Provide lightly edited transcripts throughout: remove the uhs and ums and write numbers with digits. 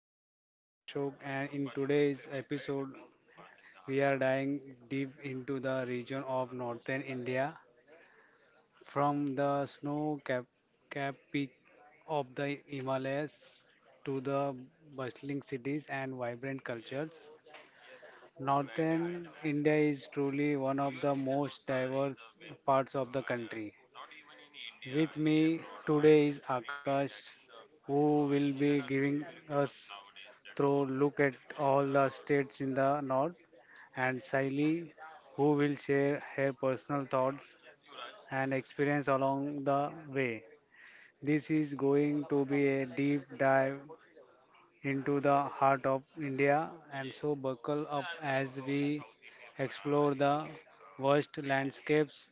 am your host Ashok, and in today's episode we are diving deep into the region of northern India, from the snow cap peak of the Himalayas to the bustling cities and vibrant cultures. Northern India is truly one of the most diverse parts of the country. With me today is Akash, who will be giving us through look at all the states in the north, and Saili, who will share her personal thoughts and experience along the way. This is going to be a deep dive into the heart of India, and so buckle up as we explore the vast landscapes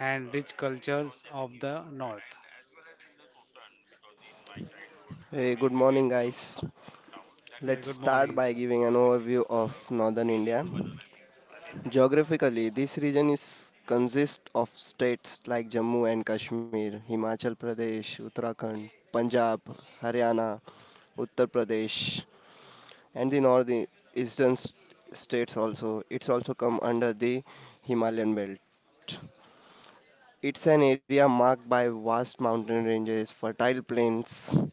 and rich cultures of the north. Hey, good morning, guys. Yeah, Let's good start morning. by giving an overview of northern India. Geographically, this region is consists of states like Jammu and Kashmir, Himachal Pradesh, Uttarakhand, Punjab, Haryana, Uttar Pradesh, and the northeastern states also. It's also come under the Himalayan belt. It's an area marked by vast mountain ranges, fertile plains,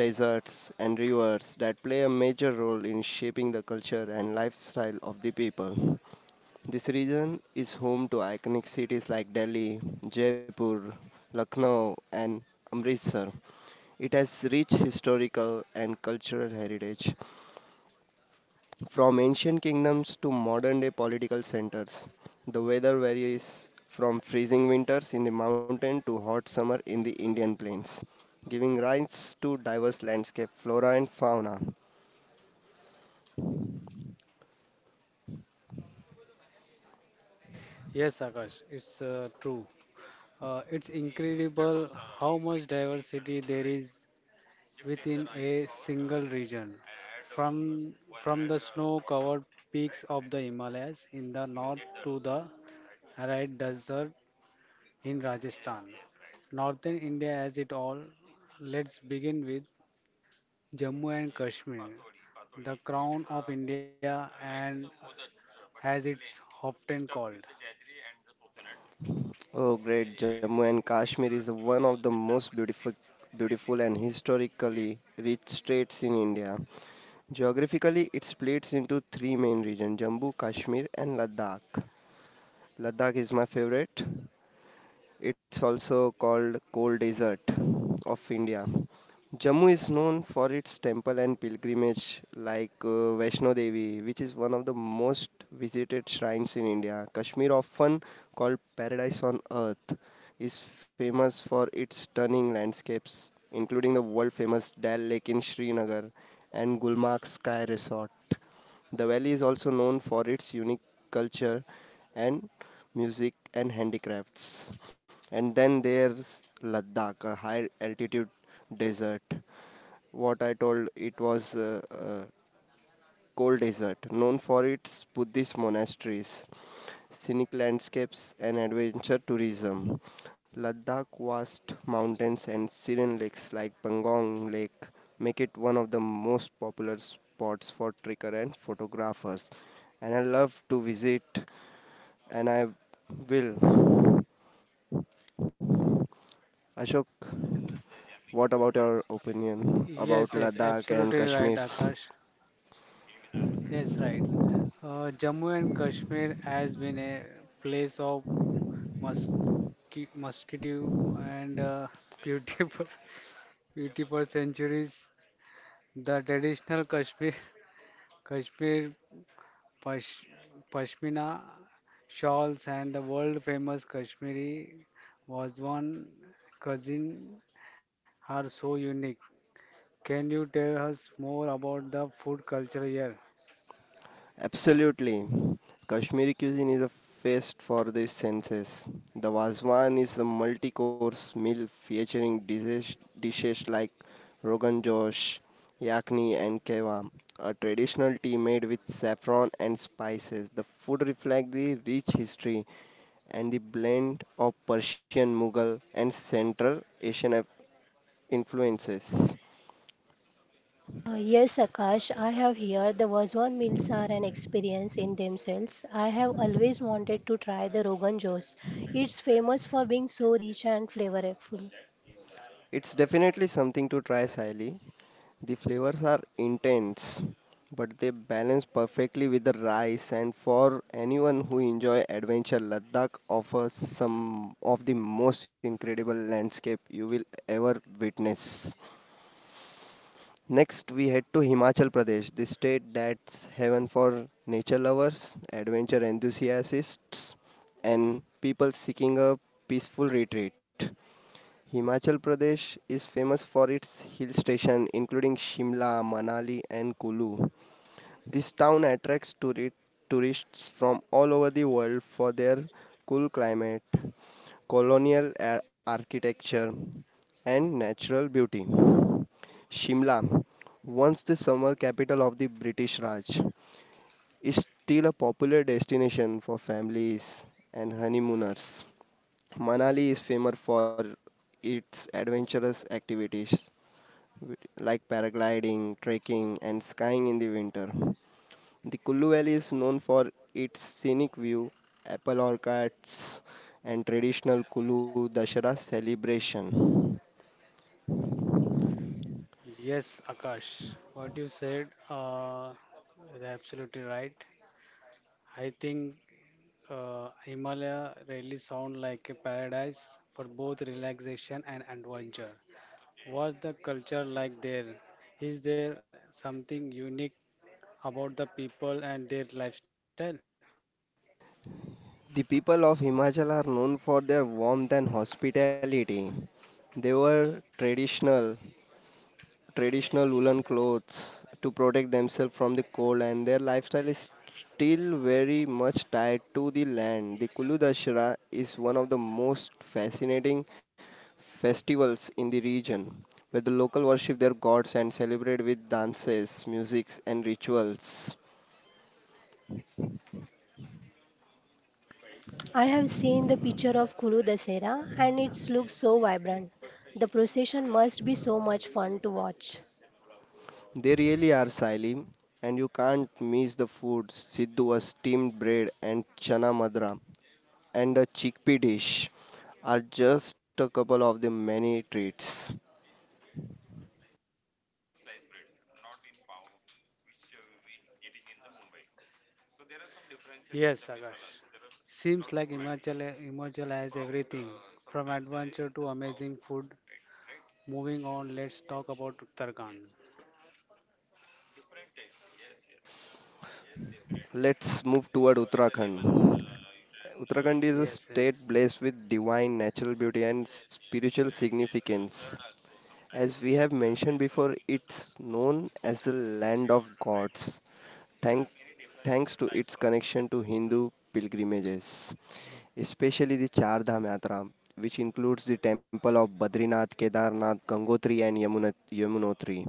deserts, and rivers that play a major role in shaping the culture and lifestyle of the people. This region is home to iconic cities like Delhi, Jaipur, Lucknow, and Amritsar. It has rich historical and cultural heritage from ancient kingdoms to modern day political centers, the weather varies from freezing winters in the mountain to hot summer in the Indian plains, giving rise to diverse landscape flora and fauna. Yes, Akash, it's true. It's incredible how much diversity there is within a single region. From from the snow-covered peaks of the Himalayas in the north to the arid desert in Rajasthan. Northern India has it all. Let's begin with Jammu and Kashmir, the crown of India, and as it's often called. Oh great, Jammu and Kashmir is one of the most beautiful and historically rich states in India. Geographically, it splits into three main regions Jammu, Kashmir, and Ladakh. Ladakh is my favorite. It's also called Cold Desert of India. Jammu is known for its temple and pilgrimage like Vaishno Devi, which is one of the most visited shrines in India. Kashmir, often called paradise on earth, is famous for its stunning landscapes, including the world famous Dal Lake in Srinagar and Gulmarg Sky Resort. The valley is also known for its unique culture and music and handicrafts. And then there's Ladakh, a high altitude desert. What I told, it was cold desert, known for its Buddhist monasteries, scenic landscapes, and adventure tourism. Ladakh vast mountains and serene lakes like Pangong Lake make it one of the most popular spots for trekker and photographers. And I love to visit, and I will. Ashok, what about your opinion about Yes, yes, Ladakh and absolutely right, Kashmir's? Akash. Yes, right. Jammu and Kashmir has been a place of musky, mosquito and beauty for centuries. The traditional Kashmir, Kashmir pash, pashmina shawls and the world famous Kashmiri was one cousin are so unique. Can you tell us more about the food culture here? Absolutely. Kashmiri cuisine is a feast for the senses. The Wazwan is a multi course meal featuring dishes like Rogan Josh, Yakni, and Keva, a traditional tea made with saffron and spices. The food reflects the rich history and the blend of Persian, Mughal, and Central Asian influences. Yes, Akash, I have here. The Vazwan meals are an experience in themselves. I have always wanted to try the Rogan Josh. It's famous for being so rich and flavorful. It's definitely something to try, Sally. The flavors are intense, but they balance perfectly with the rice. And for anyone who enjoy adventure, Ladakh offers some of the most incredible landscape you will ever witness. Next, we head to Himachal Pradesh, the state that's heaven for nature lovers, adventure enthusiasts, and people seeking a peaceful retreat. Himachal Pradesh is famous for its hill station including Shimla, Manali and Kulu. This town attracts tourists from all over the world for their cool climate, colonial architecture and natural beauty. Shimla, once the summer capital of the British Raj, is still a popular destination for families and honeymooners. Manali is famous for its adventurous activities like paragliding, trekking, and skiing in the winter. The Kullu Valley is known for its scenic view, apple orchards, and traditional Kullu Dashera celebration. Yes, Akash, what you said is absolutely right. I think Himalaya really sound like a paradise for both relaxation and adventure. What's the culture like there? Is there something unique about the people and their lifestyle? The people of Himachal are known for their warmth and hospitality. They were traditional woolen clothes to protect themselves from the cold, and their lifestyle is still very much tied to the land. The Kulu Dashera is one of the most fascinating festivals in the region, where the local worship their gods and celebrate with dances, musics, and rituals. I have seen the picture of Kulu Dasera and it looks so vibrant. The procession must be so much fun to watch. They really are silent, and you can't miss the food. Siddu was steamed bread and chana madra and a chickpea dish are just a couple of the many treats. Yes, Akash. Seems like Himachal has everything from adventure to amazing food. Moving on, let's talk about Uttarakhand. Let's move toward Uttarakhand. Uttarakhand is a Yes, state yes. blessed with divine natural beauty and spiritual significance. As we have mentioned before, it's known as the land of gods, thank, thanks to its connection to Hindu pilgrimages, especially the Char Dham Yatra, which includes the temple of Badrinath, Kedarnath, Gangotri, and Yamunotri.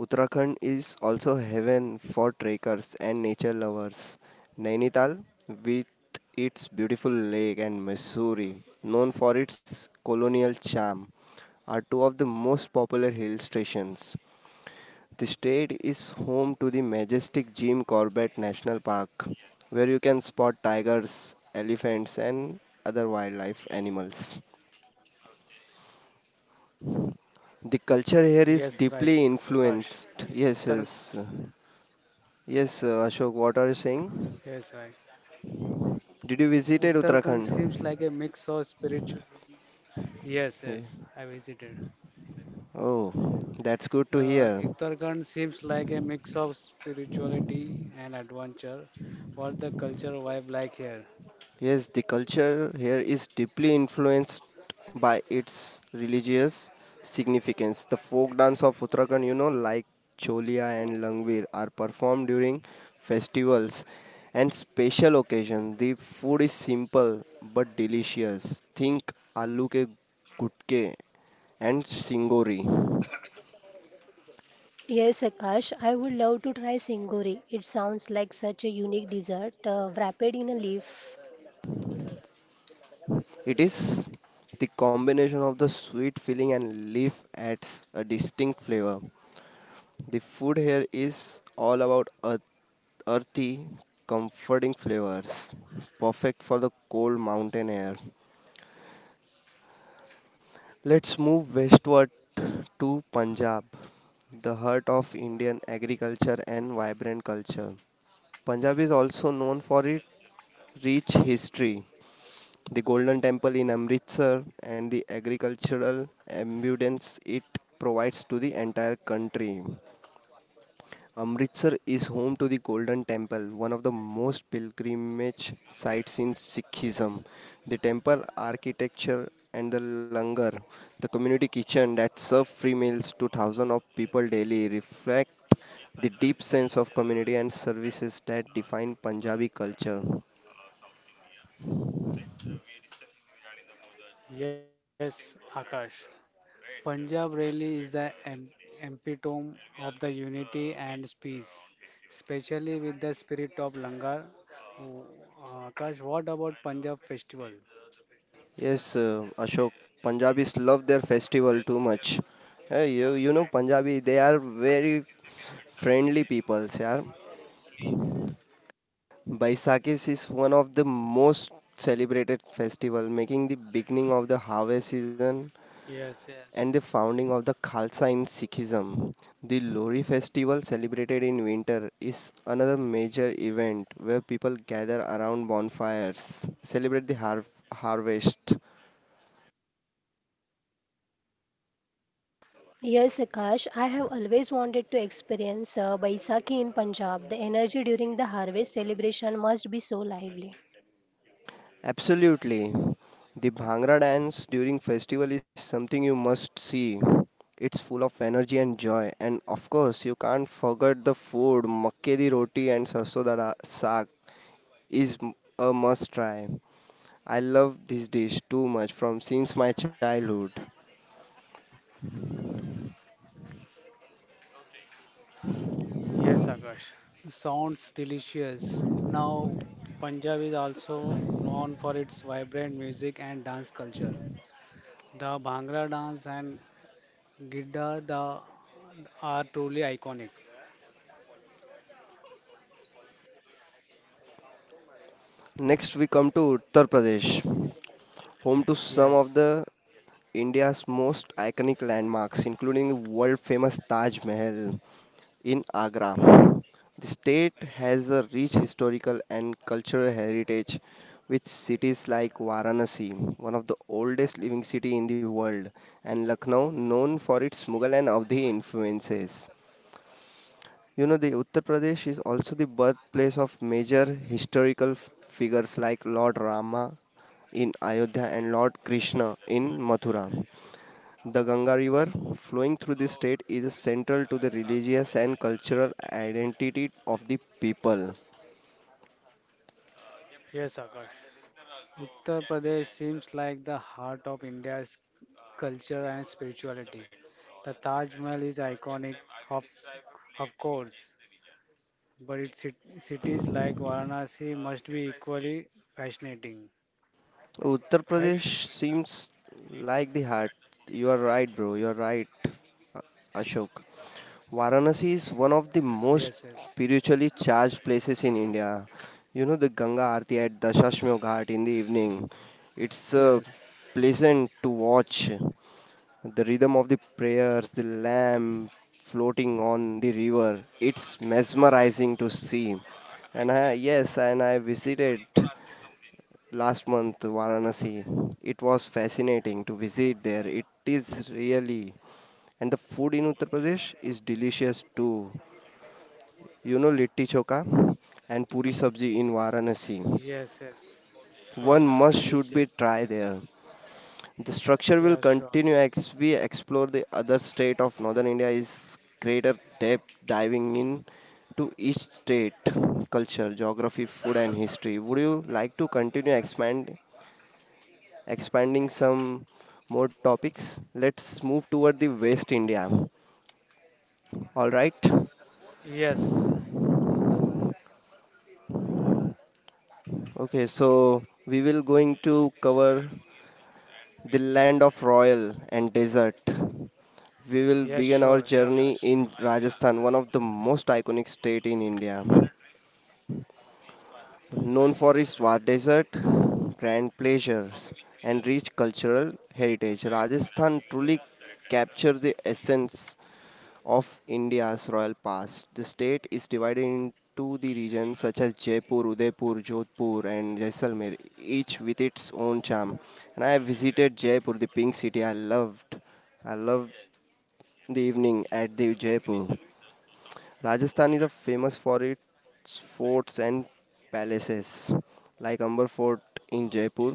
Uttarakhand is also heaven for trekkers and nature lovers. Nainital, with its beautiful lake, and Missouri, known for its colonial charm, are two of the most popular hill stations. The state is home to the majestic Jim Corbett National Park, where you can spot tigers, elephants, and other wildlife animals. The culture here Yes, is right, deeply Akash. influenced. Yes, Uttar, yes. Yes, Ashok, what are you saying? yes, right. Did you visited Uttarakhand Uttarakhand? seems like a mix of spiritual. Yes, Yeah. yes, I visited. Oh, that's good to hear. Uttarakhand seems like a mix of spirituality and adventure. What the culture vibe like here? Yes, the culture here is deeply influenced by its religious significance. The folk dance of Uttarakhand, you know, like Cholia and Langvir, are performed during festivals and special occasions. The food is simple but delicious. Think aloo ke gutke and singori. Yes, Akash, I would love to try Singori. It sounds like such a unique dessert, wrapped in a leaf. It is the combination of the sweet filling and leaf adds a distinct flavor. The food here is all about earthy, comforting flavors, perfect for the cold mountain air. Let's move westward to Punjab, the heart of Indian agriculture and vibrant culture. Punjab is also known for its rich history. The Golden Temple in Amritsar and the agricultural abundance it provides to the entire country. Amritsar is home to the Golden Temple, one of the most pilgrimage sites in Sikhism. The temple architecture and the langar, the community kitchen that serve free meals to thousands of people daily, reflect the deep sense of community and services that define Punjabi culture. Yes, Akash. Punjab really is the epitome of the unity and peace, especially with the spirit of Langar. Oh, Akash, what about Punjab festival? Yes, Ashok, Punjabis love their festival too much. You know, Punjabi, they are very friendly people, yeah. Baisakis is one of the most celebrated festival, making the beginning of the harvest season Yes, and the yes. founding of the Khalsa in Sikhism. The Lori festival, celebrated in winter, is another major event where people gather around bonfires, celebrate the harvest, Yes, Akash, I have always wanted to experience Baisakhi in Punjab. The energy during the harvest celebration must be so lively. Absolutely. The Bhangra dance during festival is something you must see. It's full of energy and joy. And of course, you can't forget the food. Makke di roti and sarso saag is a must try. I love this dish too much from since my childhood. Yes, Akash. Sounds delicious. Now, Punjab is also known for its vibrant music and dance culture. The Bhangra dance and Gidda, are truly iconic. Next we come to Uttar Pradesh. Home to some of Yes, the India's most iconic landmarks, including the world-famous Taj Mahal in Agra. The state has a rich historical and cultural heritage with cities like Varanasi, one of the oldest living city in the world, and Lucknow, known for its Mughal and Avdi influences. You know, the Uttar Pradesh is also the birthplace of major historical figures like Lord Rama in Ayodhya and Lord Krishna in Mathura. The Ganga River flowing through the state is central to the religious and cultural identity of the people. yes, Akash. Uttar Pradesh seems like the heart of India's culture and spirituality. The Taj Mahal is iconic, of, of course. But its cities like Varanasi must be equally fascinating, Uttar right? Pradesh seems like the heart. You are right, bro. You are right, Ashok. Varanasi is one Yes, of the yes, most spiritually charged places in India. You know the Ganga Aarti at Dashashmeo Ghat in the evening. yes, It's pleasant to watch. The rhythm of the prayers, the lamp floating on the river. It's mesmerizing to see. And I visited last month Varanasi. It was fascinating to visit there. It is really, and the food in Uttar Pradesh is delicious too. You know litti choka and puri sabji in Varanasi. yes, yes. It One was must should be delicious. try there. The structure will Yeah, sure. continue as we explore the other state of northern India is greater depth diving in to each state culture geography food and history would you like to continue expanding some more topics. Let's move toward the West India. All right. Yes, Okay, so we will going to cover the land of royal and desert. We will yes, begin our sure. Yeah, journey Akash. in Rajasthan, one of the most iconic state in India, known for its vast desert, grand pleasures, and rich cultural heritage. Rajasthan truly captures the essence of India's royal past. The state is divided into the regions such as Jaipur, Udaipur, Jodhpur, and Jaisalmer, each with its own charm. And I have visited Jaipur, the pink city. I loved the evening at the Jaipur. Rajasthan is a famous for its forts and palaces, like Amber Fort in Jaipur,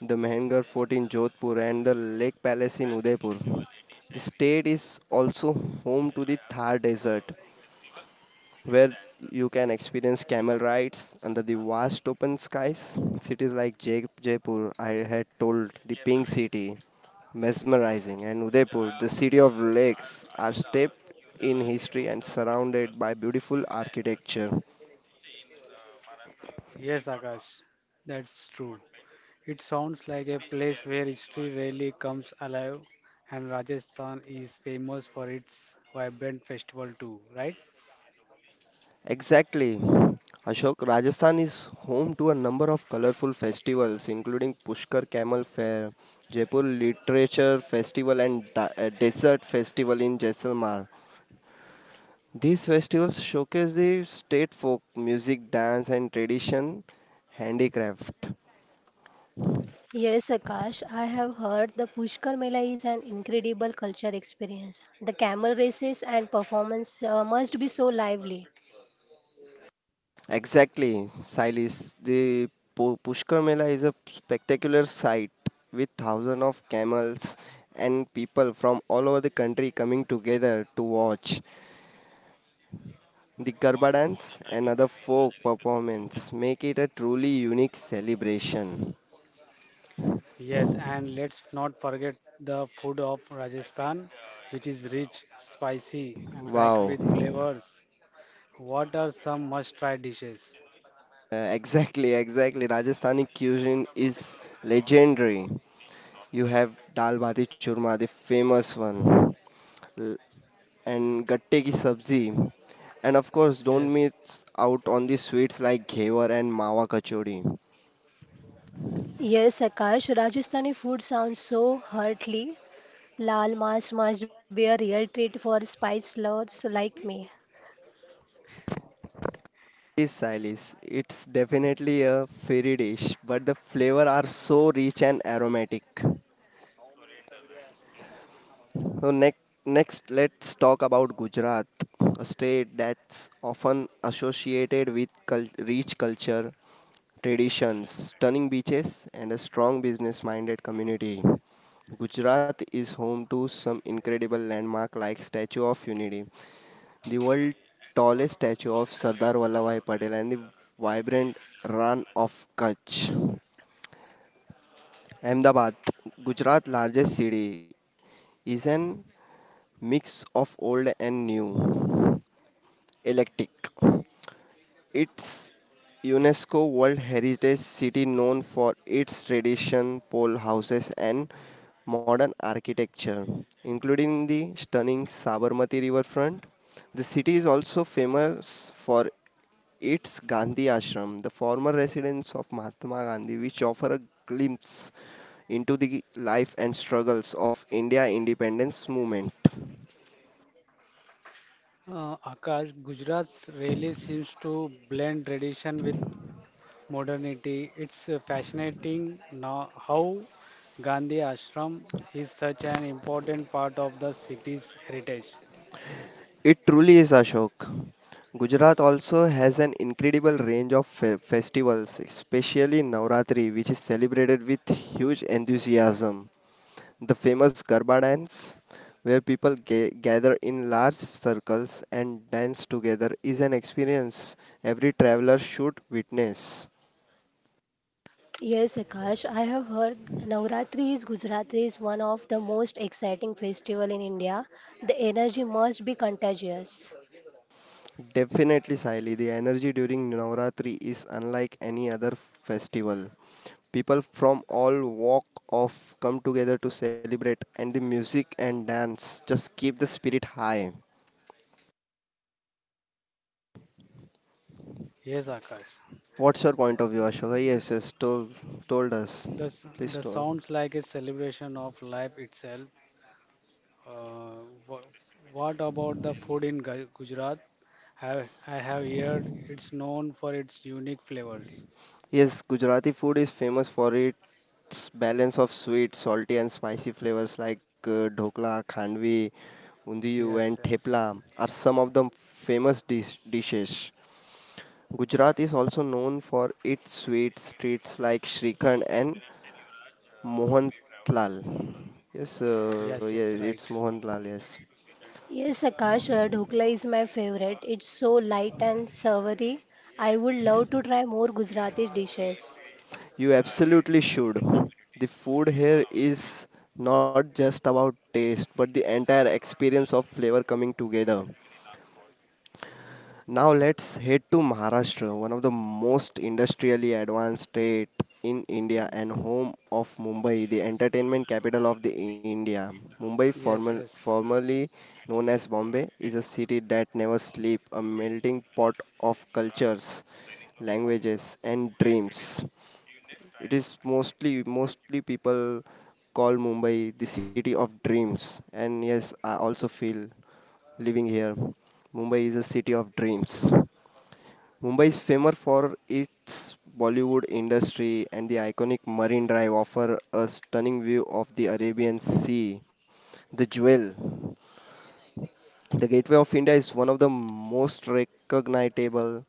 the Mehengar Fort in Jodhpur, and the Lake Palace in Udaipur. The state is also home to the Thar Desert, where you can experience camel rides under the vast open skies. Cities like Jaipur, I had told, the pink city, mesmerizing, and Udaipur, the city of lakes, are steeped in history and surrounded by beautiful architecture. Yes, Akash. That's true. It sounds like a place where history really comes alive, and Rajasthan is famous for its vibrant festival too, right? Exactly. Ashok, Rajasthan is home to a number of colorful festivals, including Pushkar Camel Fair, Jaipur Literature Festival, and Desert Festival in Jaisalmer. These festivals showcase the state folk music, dance, and tradition handicraft. Yes, Akash, I have heard the Pushkar Mela is an incredible culture experience. The camel races and performance, must be so lively. Exactly, Silis. The Pushkar Mela is a spectacular sight with thousands of camels and people from all over the country coming together to watch. The Garba dance and other folk performance make it a truly unique celebration. Yes, and let's not forget the food of Rajasthan, which is rich, spicy, and packed Wow. with flavors. What are some must try dishes? Exactly. Rajasthani cuisine is legendary. You have dal bati churma, the famous one, l- and gatte ki sabzi. And of course, don't Yes. miss out on the sweets like ghevar and mawa kachori. Yes, Akash, Rajasthani food sounds so heartly. Lal mas must be a real treat for spice lovers like me. This silis, it's definitely a fairy dish, but the flavor are so rich and aromatic. So next, let's talk about Gujarat, a state that's often associated with rich culture, traditions, stunning beaches, and a strong business-minded community. Gujarat is home to some incredible landmark like Statue of Unity, the world's tallest statue of Sardar Vallabhbhai Patel, and the vibrant Ran of Kutch. Ahmedabad, Gujarat's largest city, is an mix of old and new. Electric. It's UNESCO World Heritage City known for its tradition, pole houses and modern architecture, including the stunning Sabarmati riverfront. The city is also famous for its Gandhi Ashram, the former residence of Mahatma Gandhi, which offer a glimpse into the life and struggles of India independence movement. Akash, Gujarat's really seems to blend tradition with modernity. It's fascinating now how Gandhi Ashram is such an important part of the city's heritage. It truly is Ashok. Gujarat Yes. also has an incredible range of festivals, especially Navratri, which is celebrated with huge enthusiasm. The famous Garba dance, where people gather in large circles and dance together, is an experience every traveler should witness. Yes, Akash, I have heard Navratri is Gujarati is one of the most exciting festival in India. The energy must be contagious. Definitely, Saili, the energy during Navratri is unlike any other festival. People from all walk of come together to celebrate, and the music and dance just keep the spirit high. Yes, Akash. What's your point of view, Ashoka? Mm, Yes, This, yes, told, told us. The, s- Please the told. sounds like a celebration of life itself. Uh, wha- what about the food in Gujarat? I have heard it's known for its unique flavors. Yes, Gujarati food is famous for its balance of sweet, salty, and spicy flavors like dhokla, khandvi, undiyu, Yes, and yes. thepla are some of the famous dishes. Gujarat is also known for its sweet streets like Shrikhand and Mohanlal. Yes, Yes, yes, yes, it's right. Mohanlal. Yes, Yes, Akash, Dhokla is my favorite. It's so light and savory. I would love to try more Gujarati dishes. you absolutely should. The food here is not just about taste, but the entire experience of flavor coming together. Now let's head to Maharashtra, one of the most industrially advanced state in India and home of Mumbai, the entertainment capital of the India. Mumbai, Yes, yes. formerly known as Bombay, is a city that never sleeps, a melting pot of cultures, languages, and dreams. It is mostly people call Mumbai the city of dreams, and yes, I also feel living here. Mumbai is a city of dreams. Mumbai is famous for its Bollywood industry and the iconic Marine Drive offer a stunning view of the Arabian Sea. The jewel, the Gateway of India is one of the most recognizable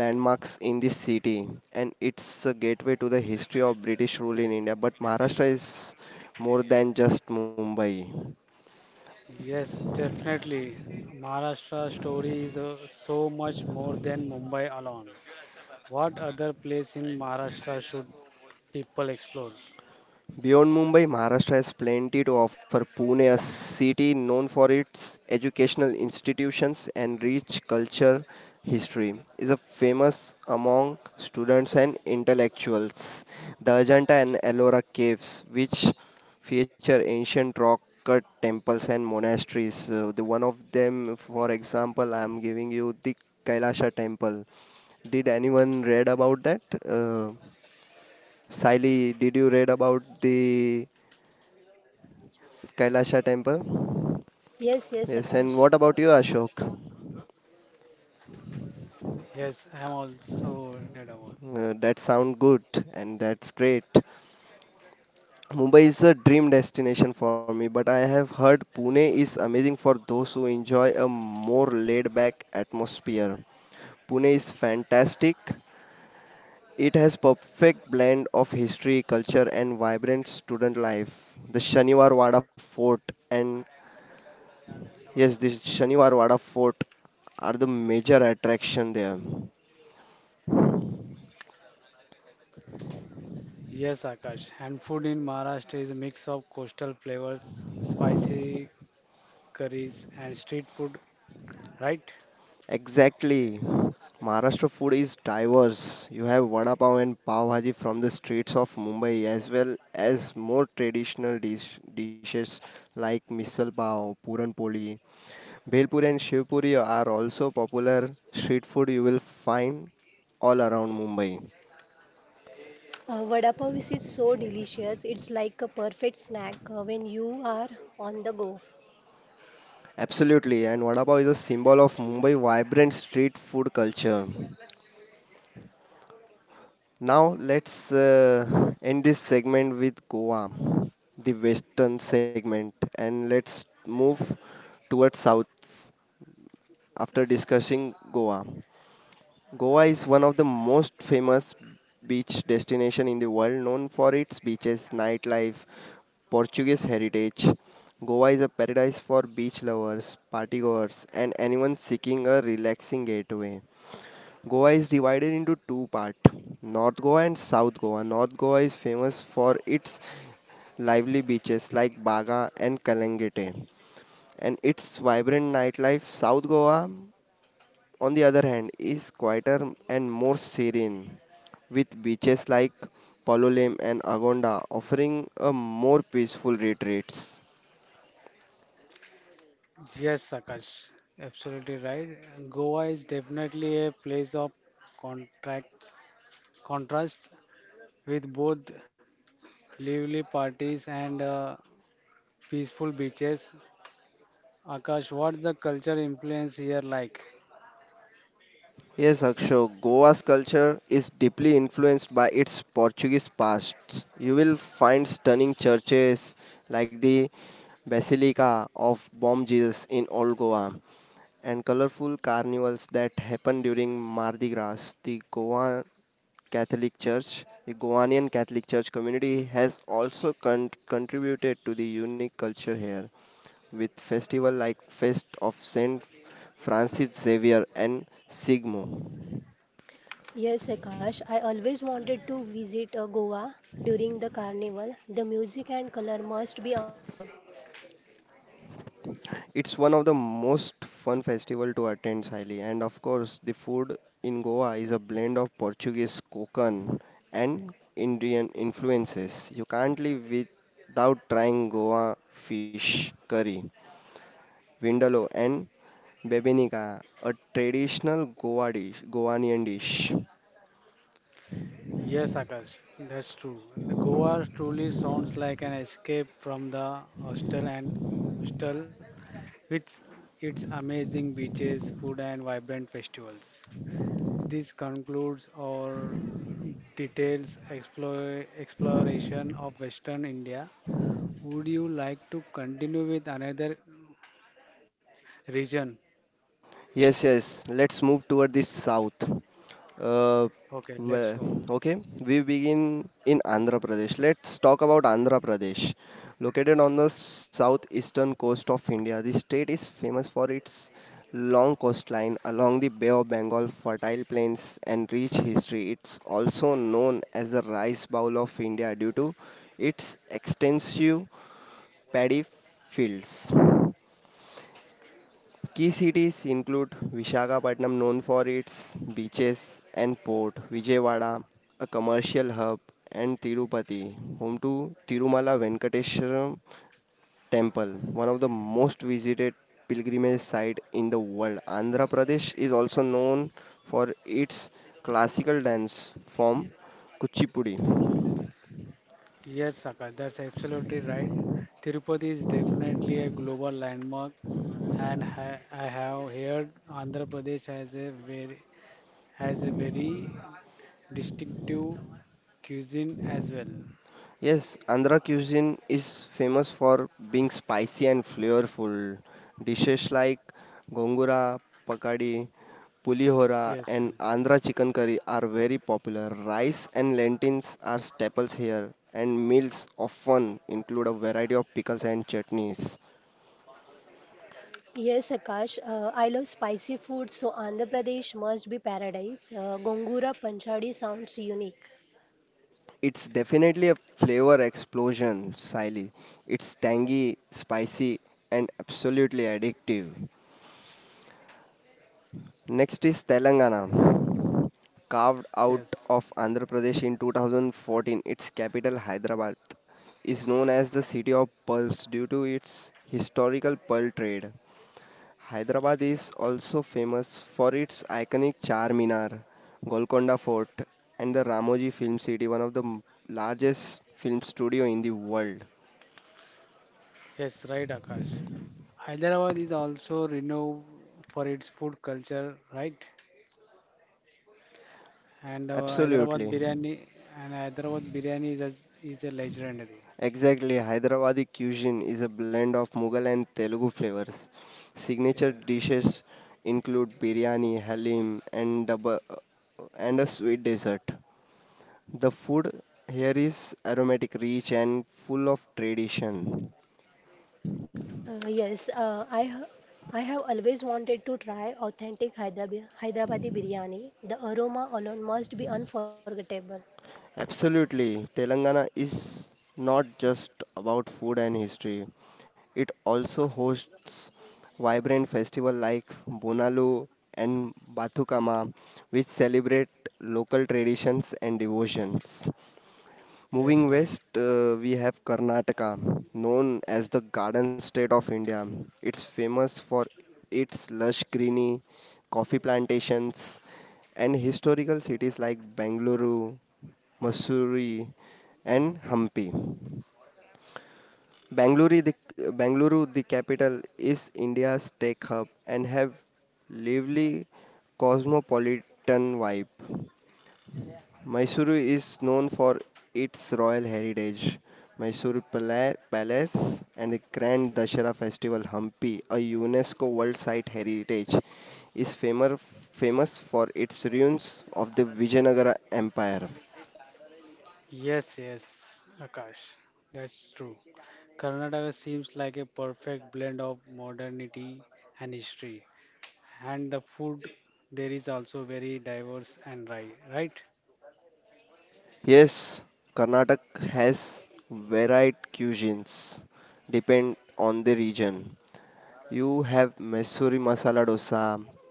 landmarks in this city and it's a gateway to the history of British rule in India. But Maharashtra is more than just Mumbai. Yes, definitely. Maharashtra story is so much more than Mumbai alone. What other place in Maharashtra should people explore? Beyond Mumbai, Maharashtra has plenty to offer. Pune, a city known for its educational institutions and rich culture history, is a famous among students and intellectuals. The Ajanta and Ellora caves, which feature ancient rock cut temples and monasteries. The one of them, for example, I am giving you the Kailasha temple. Did anyone read about that? Uh, Siley, did you read about the Kailasha temple? Yes, yes, Yes, Akash. and what about you, Ashok? Yes, I'm also excited about. That sound good and that's great. Mumbai is a dream destination for me, but I have heard Pune is amazing for those who enjoy a more laid back atmosphere. Pune is fantastic. It has perfect blend of history, culture and vibrant student life. The Shaniwar Wada Fort and yes, the Shaniwarwada Fort are the major attraction there. Yes, Akash. And food in Maharashtra is a mix of coastal flavors, spicy curries, and street food, right? Exactly. Maharashtra food is diverse. You have vada pav and pav bhaji from the streets of Mumbai as well as more traditional dishes like misal pav, puran poli, bhelpuri and shiv puri are also popular street food you will find all around Mumbai. Vada pav is so delicious. It's like a perfect snack when you are on the go. Absolutely, and vada pav is a symbol of Mumbai vibrant street food culture. Now let's end this segment with Goa, the western segment, and let's move towards south after discussing Goa. Goa is one of the most famous beach destination in the world, known for its beaches, nightlife, Portuguese heritage. Goa is a paradise for beach lovers, partygoers, and anyone seeking a relaxing getaway. Goa is divided into two parts, North Goa and South Goa. North Goa is famous for its lively beaches like Baga and Kalangete and its vibrant nightlife. South Goa on the other hand, is quieter and more serene, with beaches like Palolem and Agonda offering a more peaceful retreats. Yes, Akash. Absolutely right. Goa is definitely a place of contracts, contrast, with both lively parties and peaceful beaches. Akash, what's the culture influence here like? Yes, Akshay, Goa's culture is deeply influenced by its Portuguese past. You will find stunning churches like the Basilica of Bom Jesus in Old Goa and colorful carnivals that happen during Mardi Gras. The Goa Catholic Church, the Goanian Catholic Church community has also contributed to the unique culture here with festival like Fest of Saint Francis Xavier and Sigmo. Yes, Akash, I always wanted to visit Goa during the carnival. The music and color must be amazing. It's one of the most fun festival to attend, Siley. And of course, the food in Goa is a blend of Portuguese Kokan and Indian influences. You can't live without trying Goa fish curry, vindaloo and bebenika, a traditional Goa dish, Goanian dish. Yes, Akash, that's true. And Goa truly sounds like an escape from the hostel and hostel with its amazing beaches, food, and vibrant festivals. This concludes our details exploration of Western India. Would you like to continue with another region? Yes, yes. Let's move toward the south. Uh, Okay, let's well, go. okay, we begin in Andhra Pradesh. Let's talk about Andhra Pradesh. Located on the southeastern coast of India, the state is famous for its long coastline along the Bay of Bengal, fertile plains, and rich history. It's also known as the rice bowl of India due to its extensive paddy fields. Key cities include Visakhapatnam, known for its beaches and port, Vijayawada, a commercial hub, and Tirupati, home to Tirumala Venkateshwara Temple, one of the most visited pilgrimage sites in the world. Andhra Pradesh is also known for its classical dance form Kuchipudi. Yes, Akash, that's absolutely right. Tirupati is definitely a global landmark, and I have heard Andhra Pradesh has a very distinctive cuisine as well. Yes, Andhra cuisine is famous for being spicy and flavorful. Dishes like gongura, pakadi, pulihora, Yes, and Andhra chicken curry are very popular. Rice and lentils are staples here, and meals often include a variety of pickles and chutneys. Yes, Akash, I love spicy food, so Andhra Pradesh must be paradise. Gongura Panchadi sounds unique. It's definitely a flavor explosion, Siley. It's tangy, spicy, and absolutely addictive. Next is Telangana. Carved out yes, of Andhra Pradesh in 2014, its capital Hyderabad is known as the city of pearls due to its historical pearl trade. Hyderabad is also famous for its iconic Charminar, Golconda Fort, and the Ramoji Film City, one of the largest film studio in the world. yes, right, Akash. Hyderabad is also renowned for its food culture, right? And Hyderabad Absolutely. biryani is a legendary. Exactly, Hyderabadi cuisine is a blend of Mughal and Telugu flavors. Yeah, Signature dishes include biryani, halim, and double, and a sweet dessert. The food here is aromatic, rich, and full of tradition. Uh, yes, uh, I ha- I have always wanted to try authentic Hyderabadi biryani. The aroma alone must be unforgettable. Absolutely. Telangana is not just about food and history. It also hosts vibrant festivals like Bonalu and Bathukama, which celebrate local traditions and devotions. Moving yes, right. west, we have Karnataka, known as the Garden State of India. It's famous for its lush greenery, coffee plantations, and historical cities like Bangalore, Mussoorie, and Hampi. Bangalore, the, Bangalore, the capital, is India's tech hub and have lively cosmopolitan vibe. Mysuru is known for its royal heritage. Mysuru Palace and the Grand Dashera Festival Hampi, a UNESCO World Site Heritage, is famous for its ruins of the Vijayanagara Empire. Yes, yes, Akash, that's true. Karnataka seems like a perfect blend of modernity and history, and the food there is also very diverse, and right, right? Yes, Karnataka has varied cuisines depend on the region. You have Mysuri masala dosa,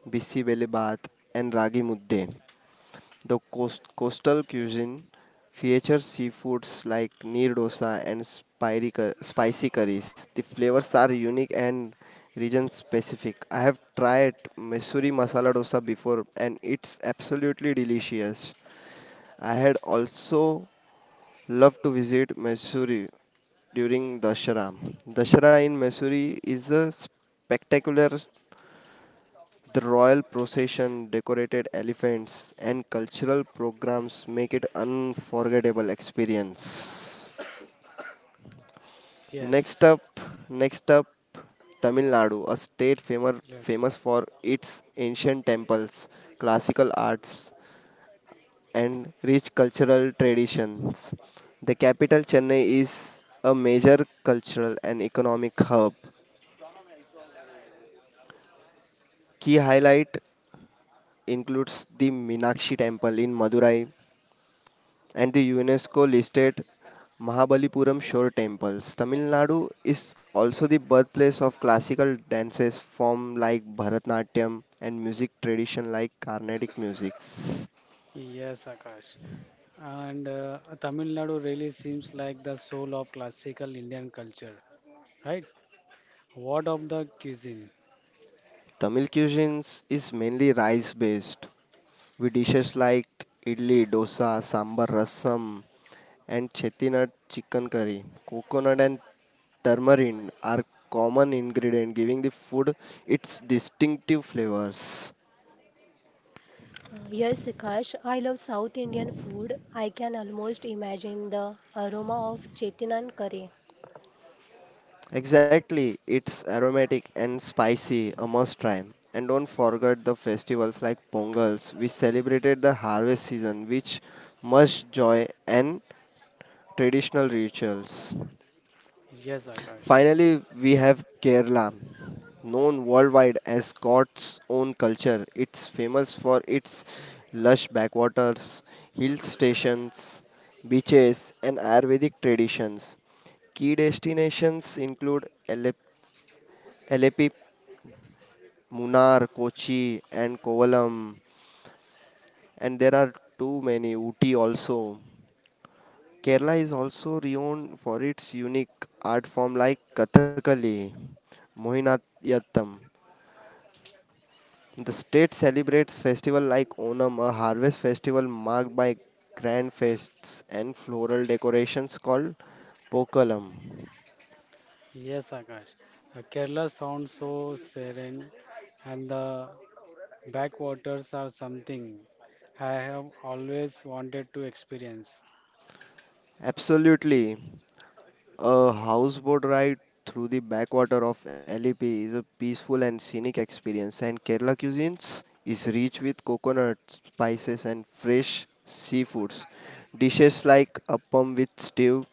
bisi bele baat and ragi mudde. The coastal cuisine features seafoods like neer dosa and spicy curries. The flavors are unique and region specific. I have tried Missouri masala dosa before and it's absolutely delicious. I had also loved to visit Missouri during Dashara. Dashara in Missouri is a spectacular the royal procession, decorated elephants, and cultural programs make it unforgettable experience. Next Yes, up, next up, Tamil Nadu, a state famous yes, famous for its ancient temples, classical arts, and rich cultural traditions. The capital Chennai is a major cultural and economic hub. Key highlight includes the Meenakshi Temple in Madurai, and the UNESCO listed Mahabalipuram Shore temples. Tamil Nadu is also the birthplace of classical dances form like Bharatanatyam and music tradition like Carnatic musics. yes, Akash. And Tamil Nadu really seems like the soul of classical Indian culture, right? What of the cuisine? Tamil cuisines is mainly rice based with dishes like idli, dosa, sambar, rasam and chettinad chicken curry. Coconut and tamarind are common ingredient giving the food its distinctive flavors. Yes, Akash, I love South Indian food. I can almost imagine the aroma of chettinad curry. Exactly, it's aromatic and spicy, a must try. And don't forget the festivals like Pongals, which celebrated the harvest season, which much joy and traditional rituals. Yes, Akash. Finally, we have Kerala, known worldwide as Scott's own culture. It's famous for its lush backwaters, hill stations, beaches, and Ayurvedic traditions. Key destinations include Alepi, Munnar, Kochi, and Kovalam, and there are too many Uti also. Kerala is also renowned for its unique art form like Kathakali, Mohiniyattam. The state celebrates festivals like Onam, a harvest festival marked by grand feasts and floral decorations called Pokalam. Yes, Akash. Kerala sounds so serene, and the backwaters are something I have always wanted to experience. Absolutely. A houseboat ride through the backwater of LEP is a peaceful and scenic experience, and Kerala cuisines is rich with coconut spices and fresh seafoods. Dishes like appam with stew,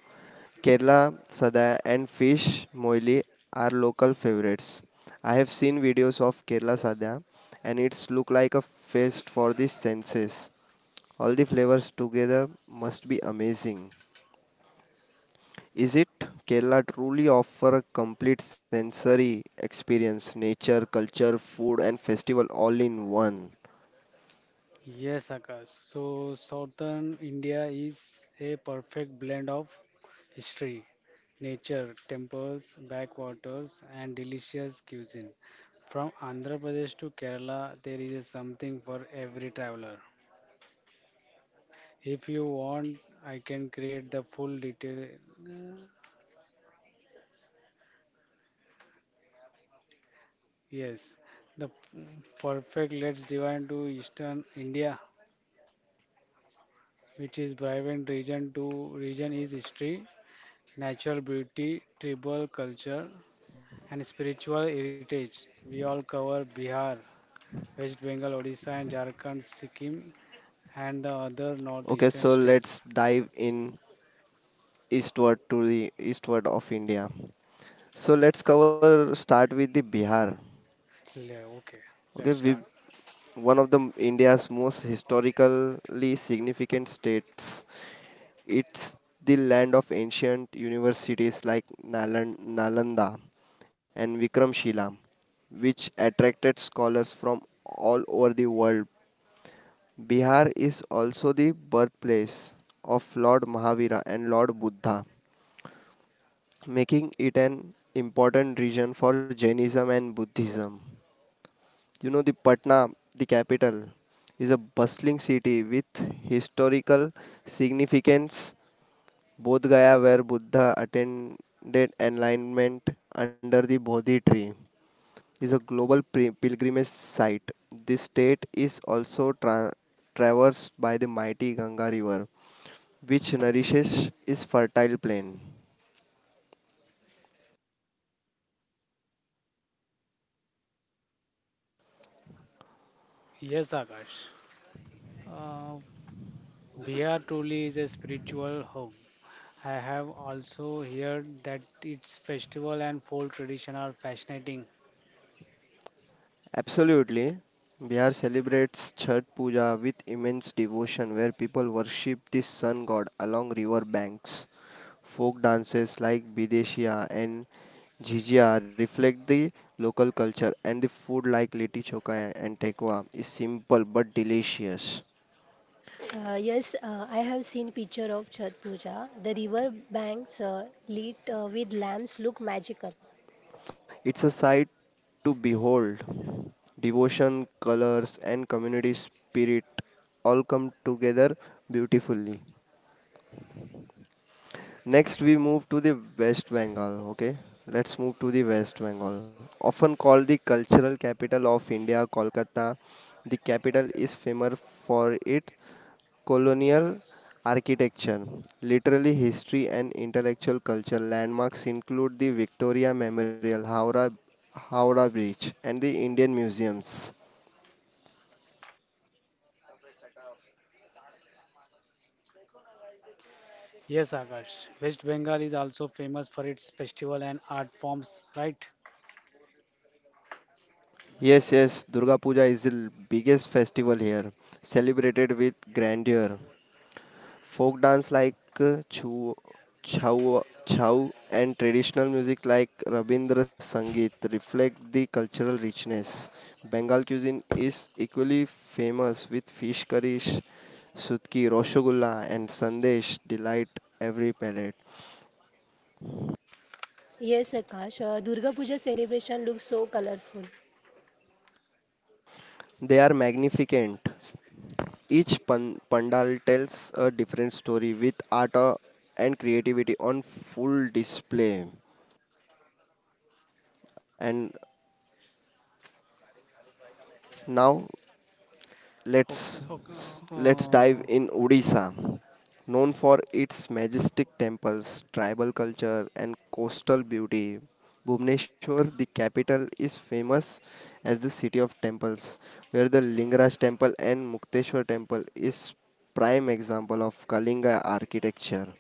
Kerala sada, and fish moili are local favorites. I have seen videos of Kerala sada, and it's look like a feast for the senses. All the flavors together must be amazing. Is it? Kerala truly offer a complete sensory experience, nature, culture, food and festival all in one. Yes, Akash. So, southern India is a perfect blend of history, nature, temples, backwaters, and delicious cuisine. From Andhra Pradesh to Kerala, there is something for every traveler. If you want, I can create the full detail. Yes, the p- perfect. Let's divide to Eastern India, which is vibrant region to region is history, natural beauty, tribal culture, and spiritual heritage. We all cover Bihar, West Bengal, Odisha, and Jharkhand, Sikkim, and the other Okay, northeastern so states. let's dive in eastward to the eastward of India. So let's cover start with the Bihar. Okay, Okay, let's we start. one of the India's most historically significant states. It's the land of ancient universities like Nalanda and Vikramshila, which attracted scholars from all over the world. Bihar is also the birthplace of Lord Mahavira and Lord Buddha, making it an important region for Jainism and Buddhism. The Patna, the capital, is a bustling city with historical significance. Bodh Gaya, where Buddha attended enlightenment under the Bodhi tree, is a global pilgrimage site. This state is also traversed by the mighty Ganga River, which nourishes its fertile plain. Yes, Akash. Uh, Bihar truly is a spiritual home. I have also heard that its festival and folk tradition are fascinating. Absolutely. Bihar celebrates Chhat Puja with immense devotion, where people worship this sun god along river banks. Folk dances like Bideshia and Jhijia reflect the local culture, and the food like Liti Choka and Tekwa is simple but delicious. Yes, I have seen picture of Chhat Puja. The river banks, lit, with lamps look magical. It's a sight to behold. Devotion, colors, and community spirit all come together beautifully. Next, we move to the West Bengal. Okay, let's move to the West Bengal. Often called the cultural capital of India, Kolkata, the capital is famous for its colonial architecture, literary history and intellectual culture. Landmarks include the Victoria Memorial, Howrah Bridge, and the Indian museums. Yes, Akash. West Bengal is also famous for its festival and art forms, right? Yes, Durga Puja is the biggest festival here, celebrated with grandeur. Folk dance like chow and traditional music like Rabindra Sangeet reflect the cultural richness. Bengal cuisine is equally famous with fish curries, sutki, roshogulla and sandesh delight every palate. Yes, Akash, Durga Puja celebration looks so colorful. They are magnificent. Each pandal tells a different story with art and creativity on full display. And now Let's O- o- let's dive in uh, Odisha, known for its majestic temples, tribal culture, and coastal beauty. Bhubaneswar, the capital, is famous as the city of temples, where the Lingaraj temple and Mukteshwar temple is prime example of Kalinga architecture.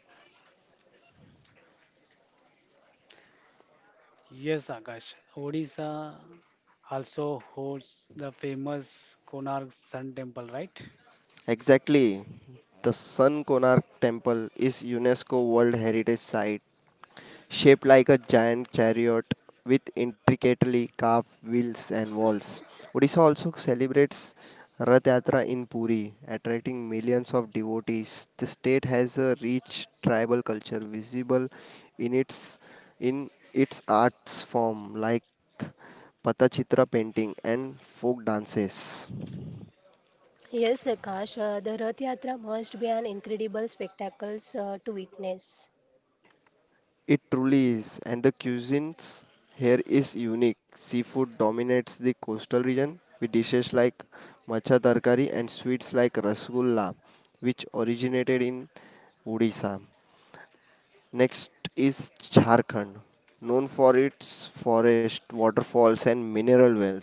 yes, Akash. Odisha also hosts the famous Konark Sun Temple, right? Exactly, the Sun Konark temple is UNESCO World Heritage Site shaped like a giant chariot with intricately carved wheels and walls. Odisha also celebrates Rath Yatra in Puri, attracting millions of devotees. The state has a rich tribal culture visible in its in its arts form like Patachitra painting and folk dances. Yes, Akash, the Rath Yatra must be an incredible spectacle, to witness. It truly is, and the cuisines here is unique. Seafood dominates the coastal region with dishes like macha tarkari and sweets like rasgulla, which originated in Odisha. Next is Jharkhand, known for its forest, waterfalls, and mineral wealth.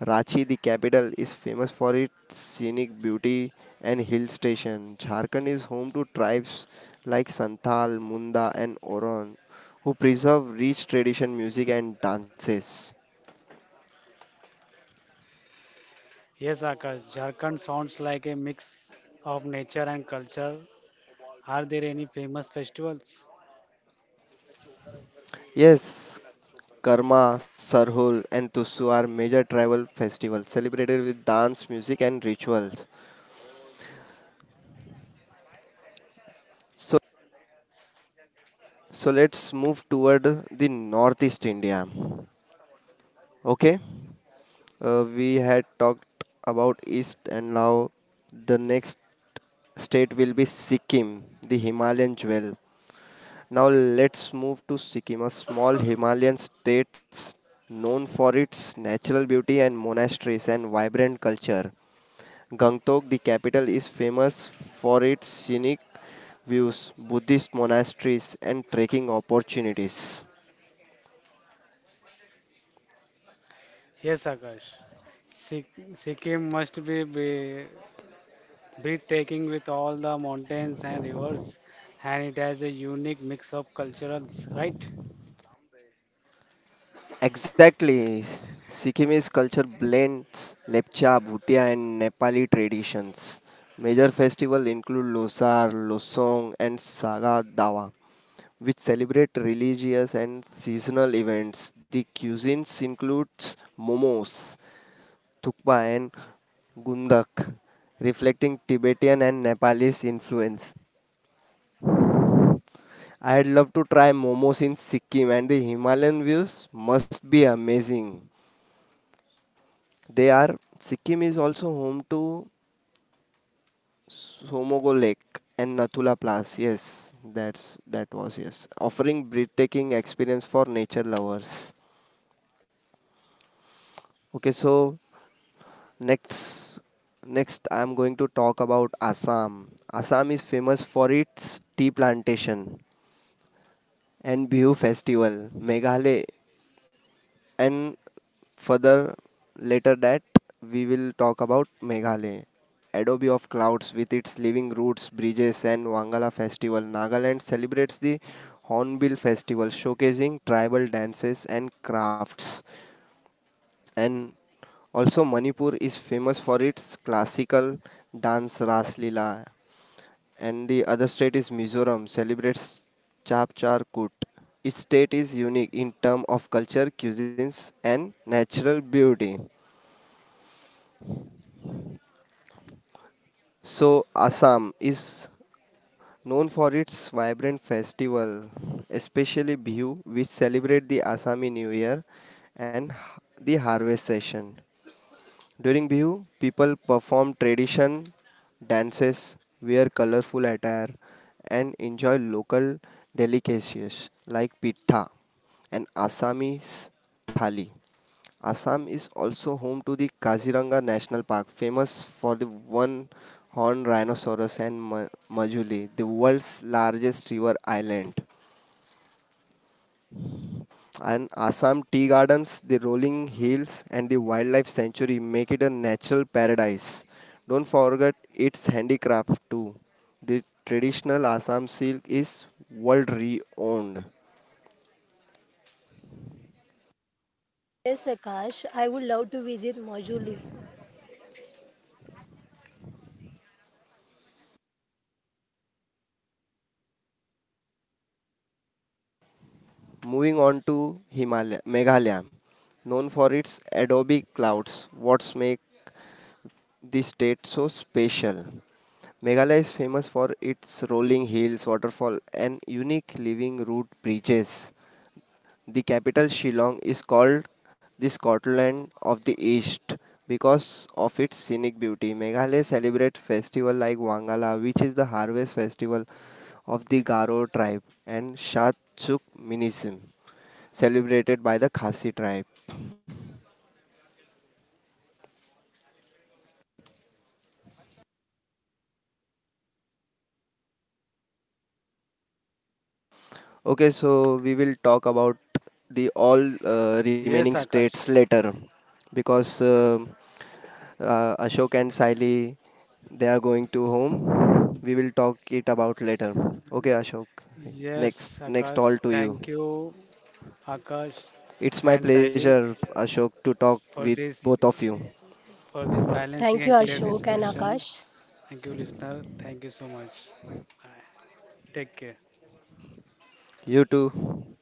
Ranchi, the capital, is famous for its scenic beauty and hill station. Jharkhand is home to tribes like Santhal, Munda, and Oron, who preserve rich tradition music and dances. Yes, Akash. Jharkhand sounds like a mix of nature and culture. Are there any famous festivals? Yes, Karma, Sarhul, and Tusu are major tribal festivals celebrated with dance, music, and rituals. So So let's move toward the northeast India. Okay, we had talked about east, and now the next state will be Sikkim, the Himalayan jewel. Now let's move to Sikkim, a small Himalayan state known for its natural beauty and monasteries and vibrant culture. Gangtok, the capital, is famous for its scenic views, Buddhist monasteries, and trekking opportunities. Yes, Akash. Sikkim must be breathtaking with all the mountains and rivers, and it has a unique mix of cultures, right? Exactly. Sikkimese culture blends Lepcha, Bhutia, and Nepali traditions. Major festivals include Losar, Losong, and Saga Dawa, which celebrate religious and seasonal events. The cuisines includes momos, thukpa, and gundak, reflecting Tibetan and Nepalese influence. I'd love to try momos in Sikkim, and the Himalayan views must be amazing. They are. Sikkim is also home to Somogo Lake and Nathula Pass. Yes, that's that was yes, offering breathtaking experience for nature lovers. Okay, so next next I'm going to talk about Assam. Assam is famous for its tea plantation and Bihu festival. Meghalaya and further later that we will talk about Meghalaya. Adobe of Clouds with its living roots, bridges and Wangala Festival. Nagaland celebrates the Hornbill Festival showcasing tribal dances and crafts. And also Manipur is famous for its classical dance Ras Leela and the other state is Mizoram celebrates Chapchar. Each state is unique in terms of culture, cuisines, and natural beauty. So Assam is known for its vibrant festival, especially Bihu, which celebrate the Assami New Year and the harvest session. During Bihu, people perform tradition dances, wear colorful attire, and enjoy local delicacies like pitha and Assamese thali. Assam is also home to the Kaziranga National Park, famous for the one-horned rhinoceros and Majuli, the world's largest river island. And Assam tea gardens, the rolling hills, and the wildlife sanctuary make it a natural paradise. Don't forget its handicraft too. The traditional Assam silk is world renowned. Yes, Akash, I would love to visit Majuli. Moving on to Himalaya, Meghalaya, known for its adobe clouds, what make this state so special. Meghalaya is famous for its rolling hills, waterfall, and unique living root bridges. The capital Shillong is called the Scotland of the East because of its scenic beauty. Meghalaya celebrates festivals like Wangala, which is the harvest festival of the Garo tribe, and Shatsuk Minism, celebrated by the Khasi tribe. Okay, so we will talk about the all remaining Yes, states Akash. later because Ashok and Saili, they are going to home. We will talk it about later. Okay, Ashok. Next, Yes, next all Akash. to Thank you. you, Akash It's my and Saili, pleasure, Ashok, to talk with for both this of you. for this Thank you, balancing and clear Ashok and discussion. Akash. Thank you, listener. Thank you so much. Bye. Take care. You too.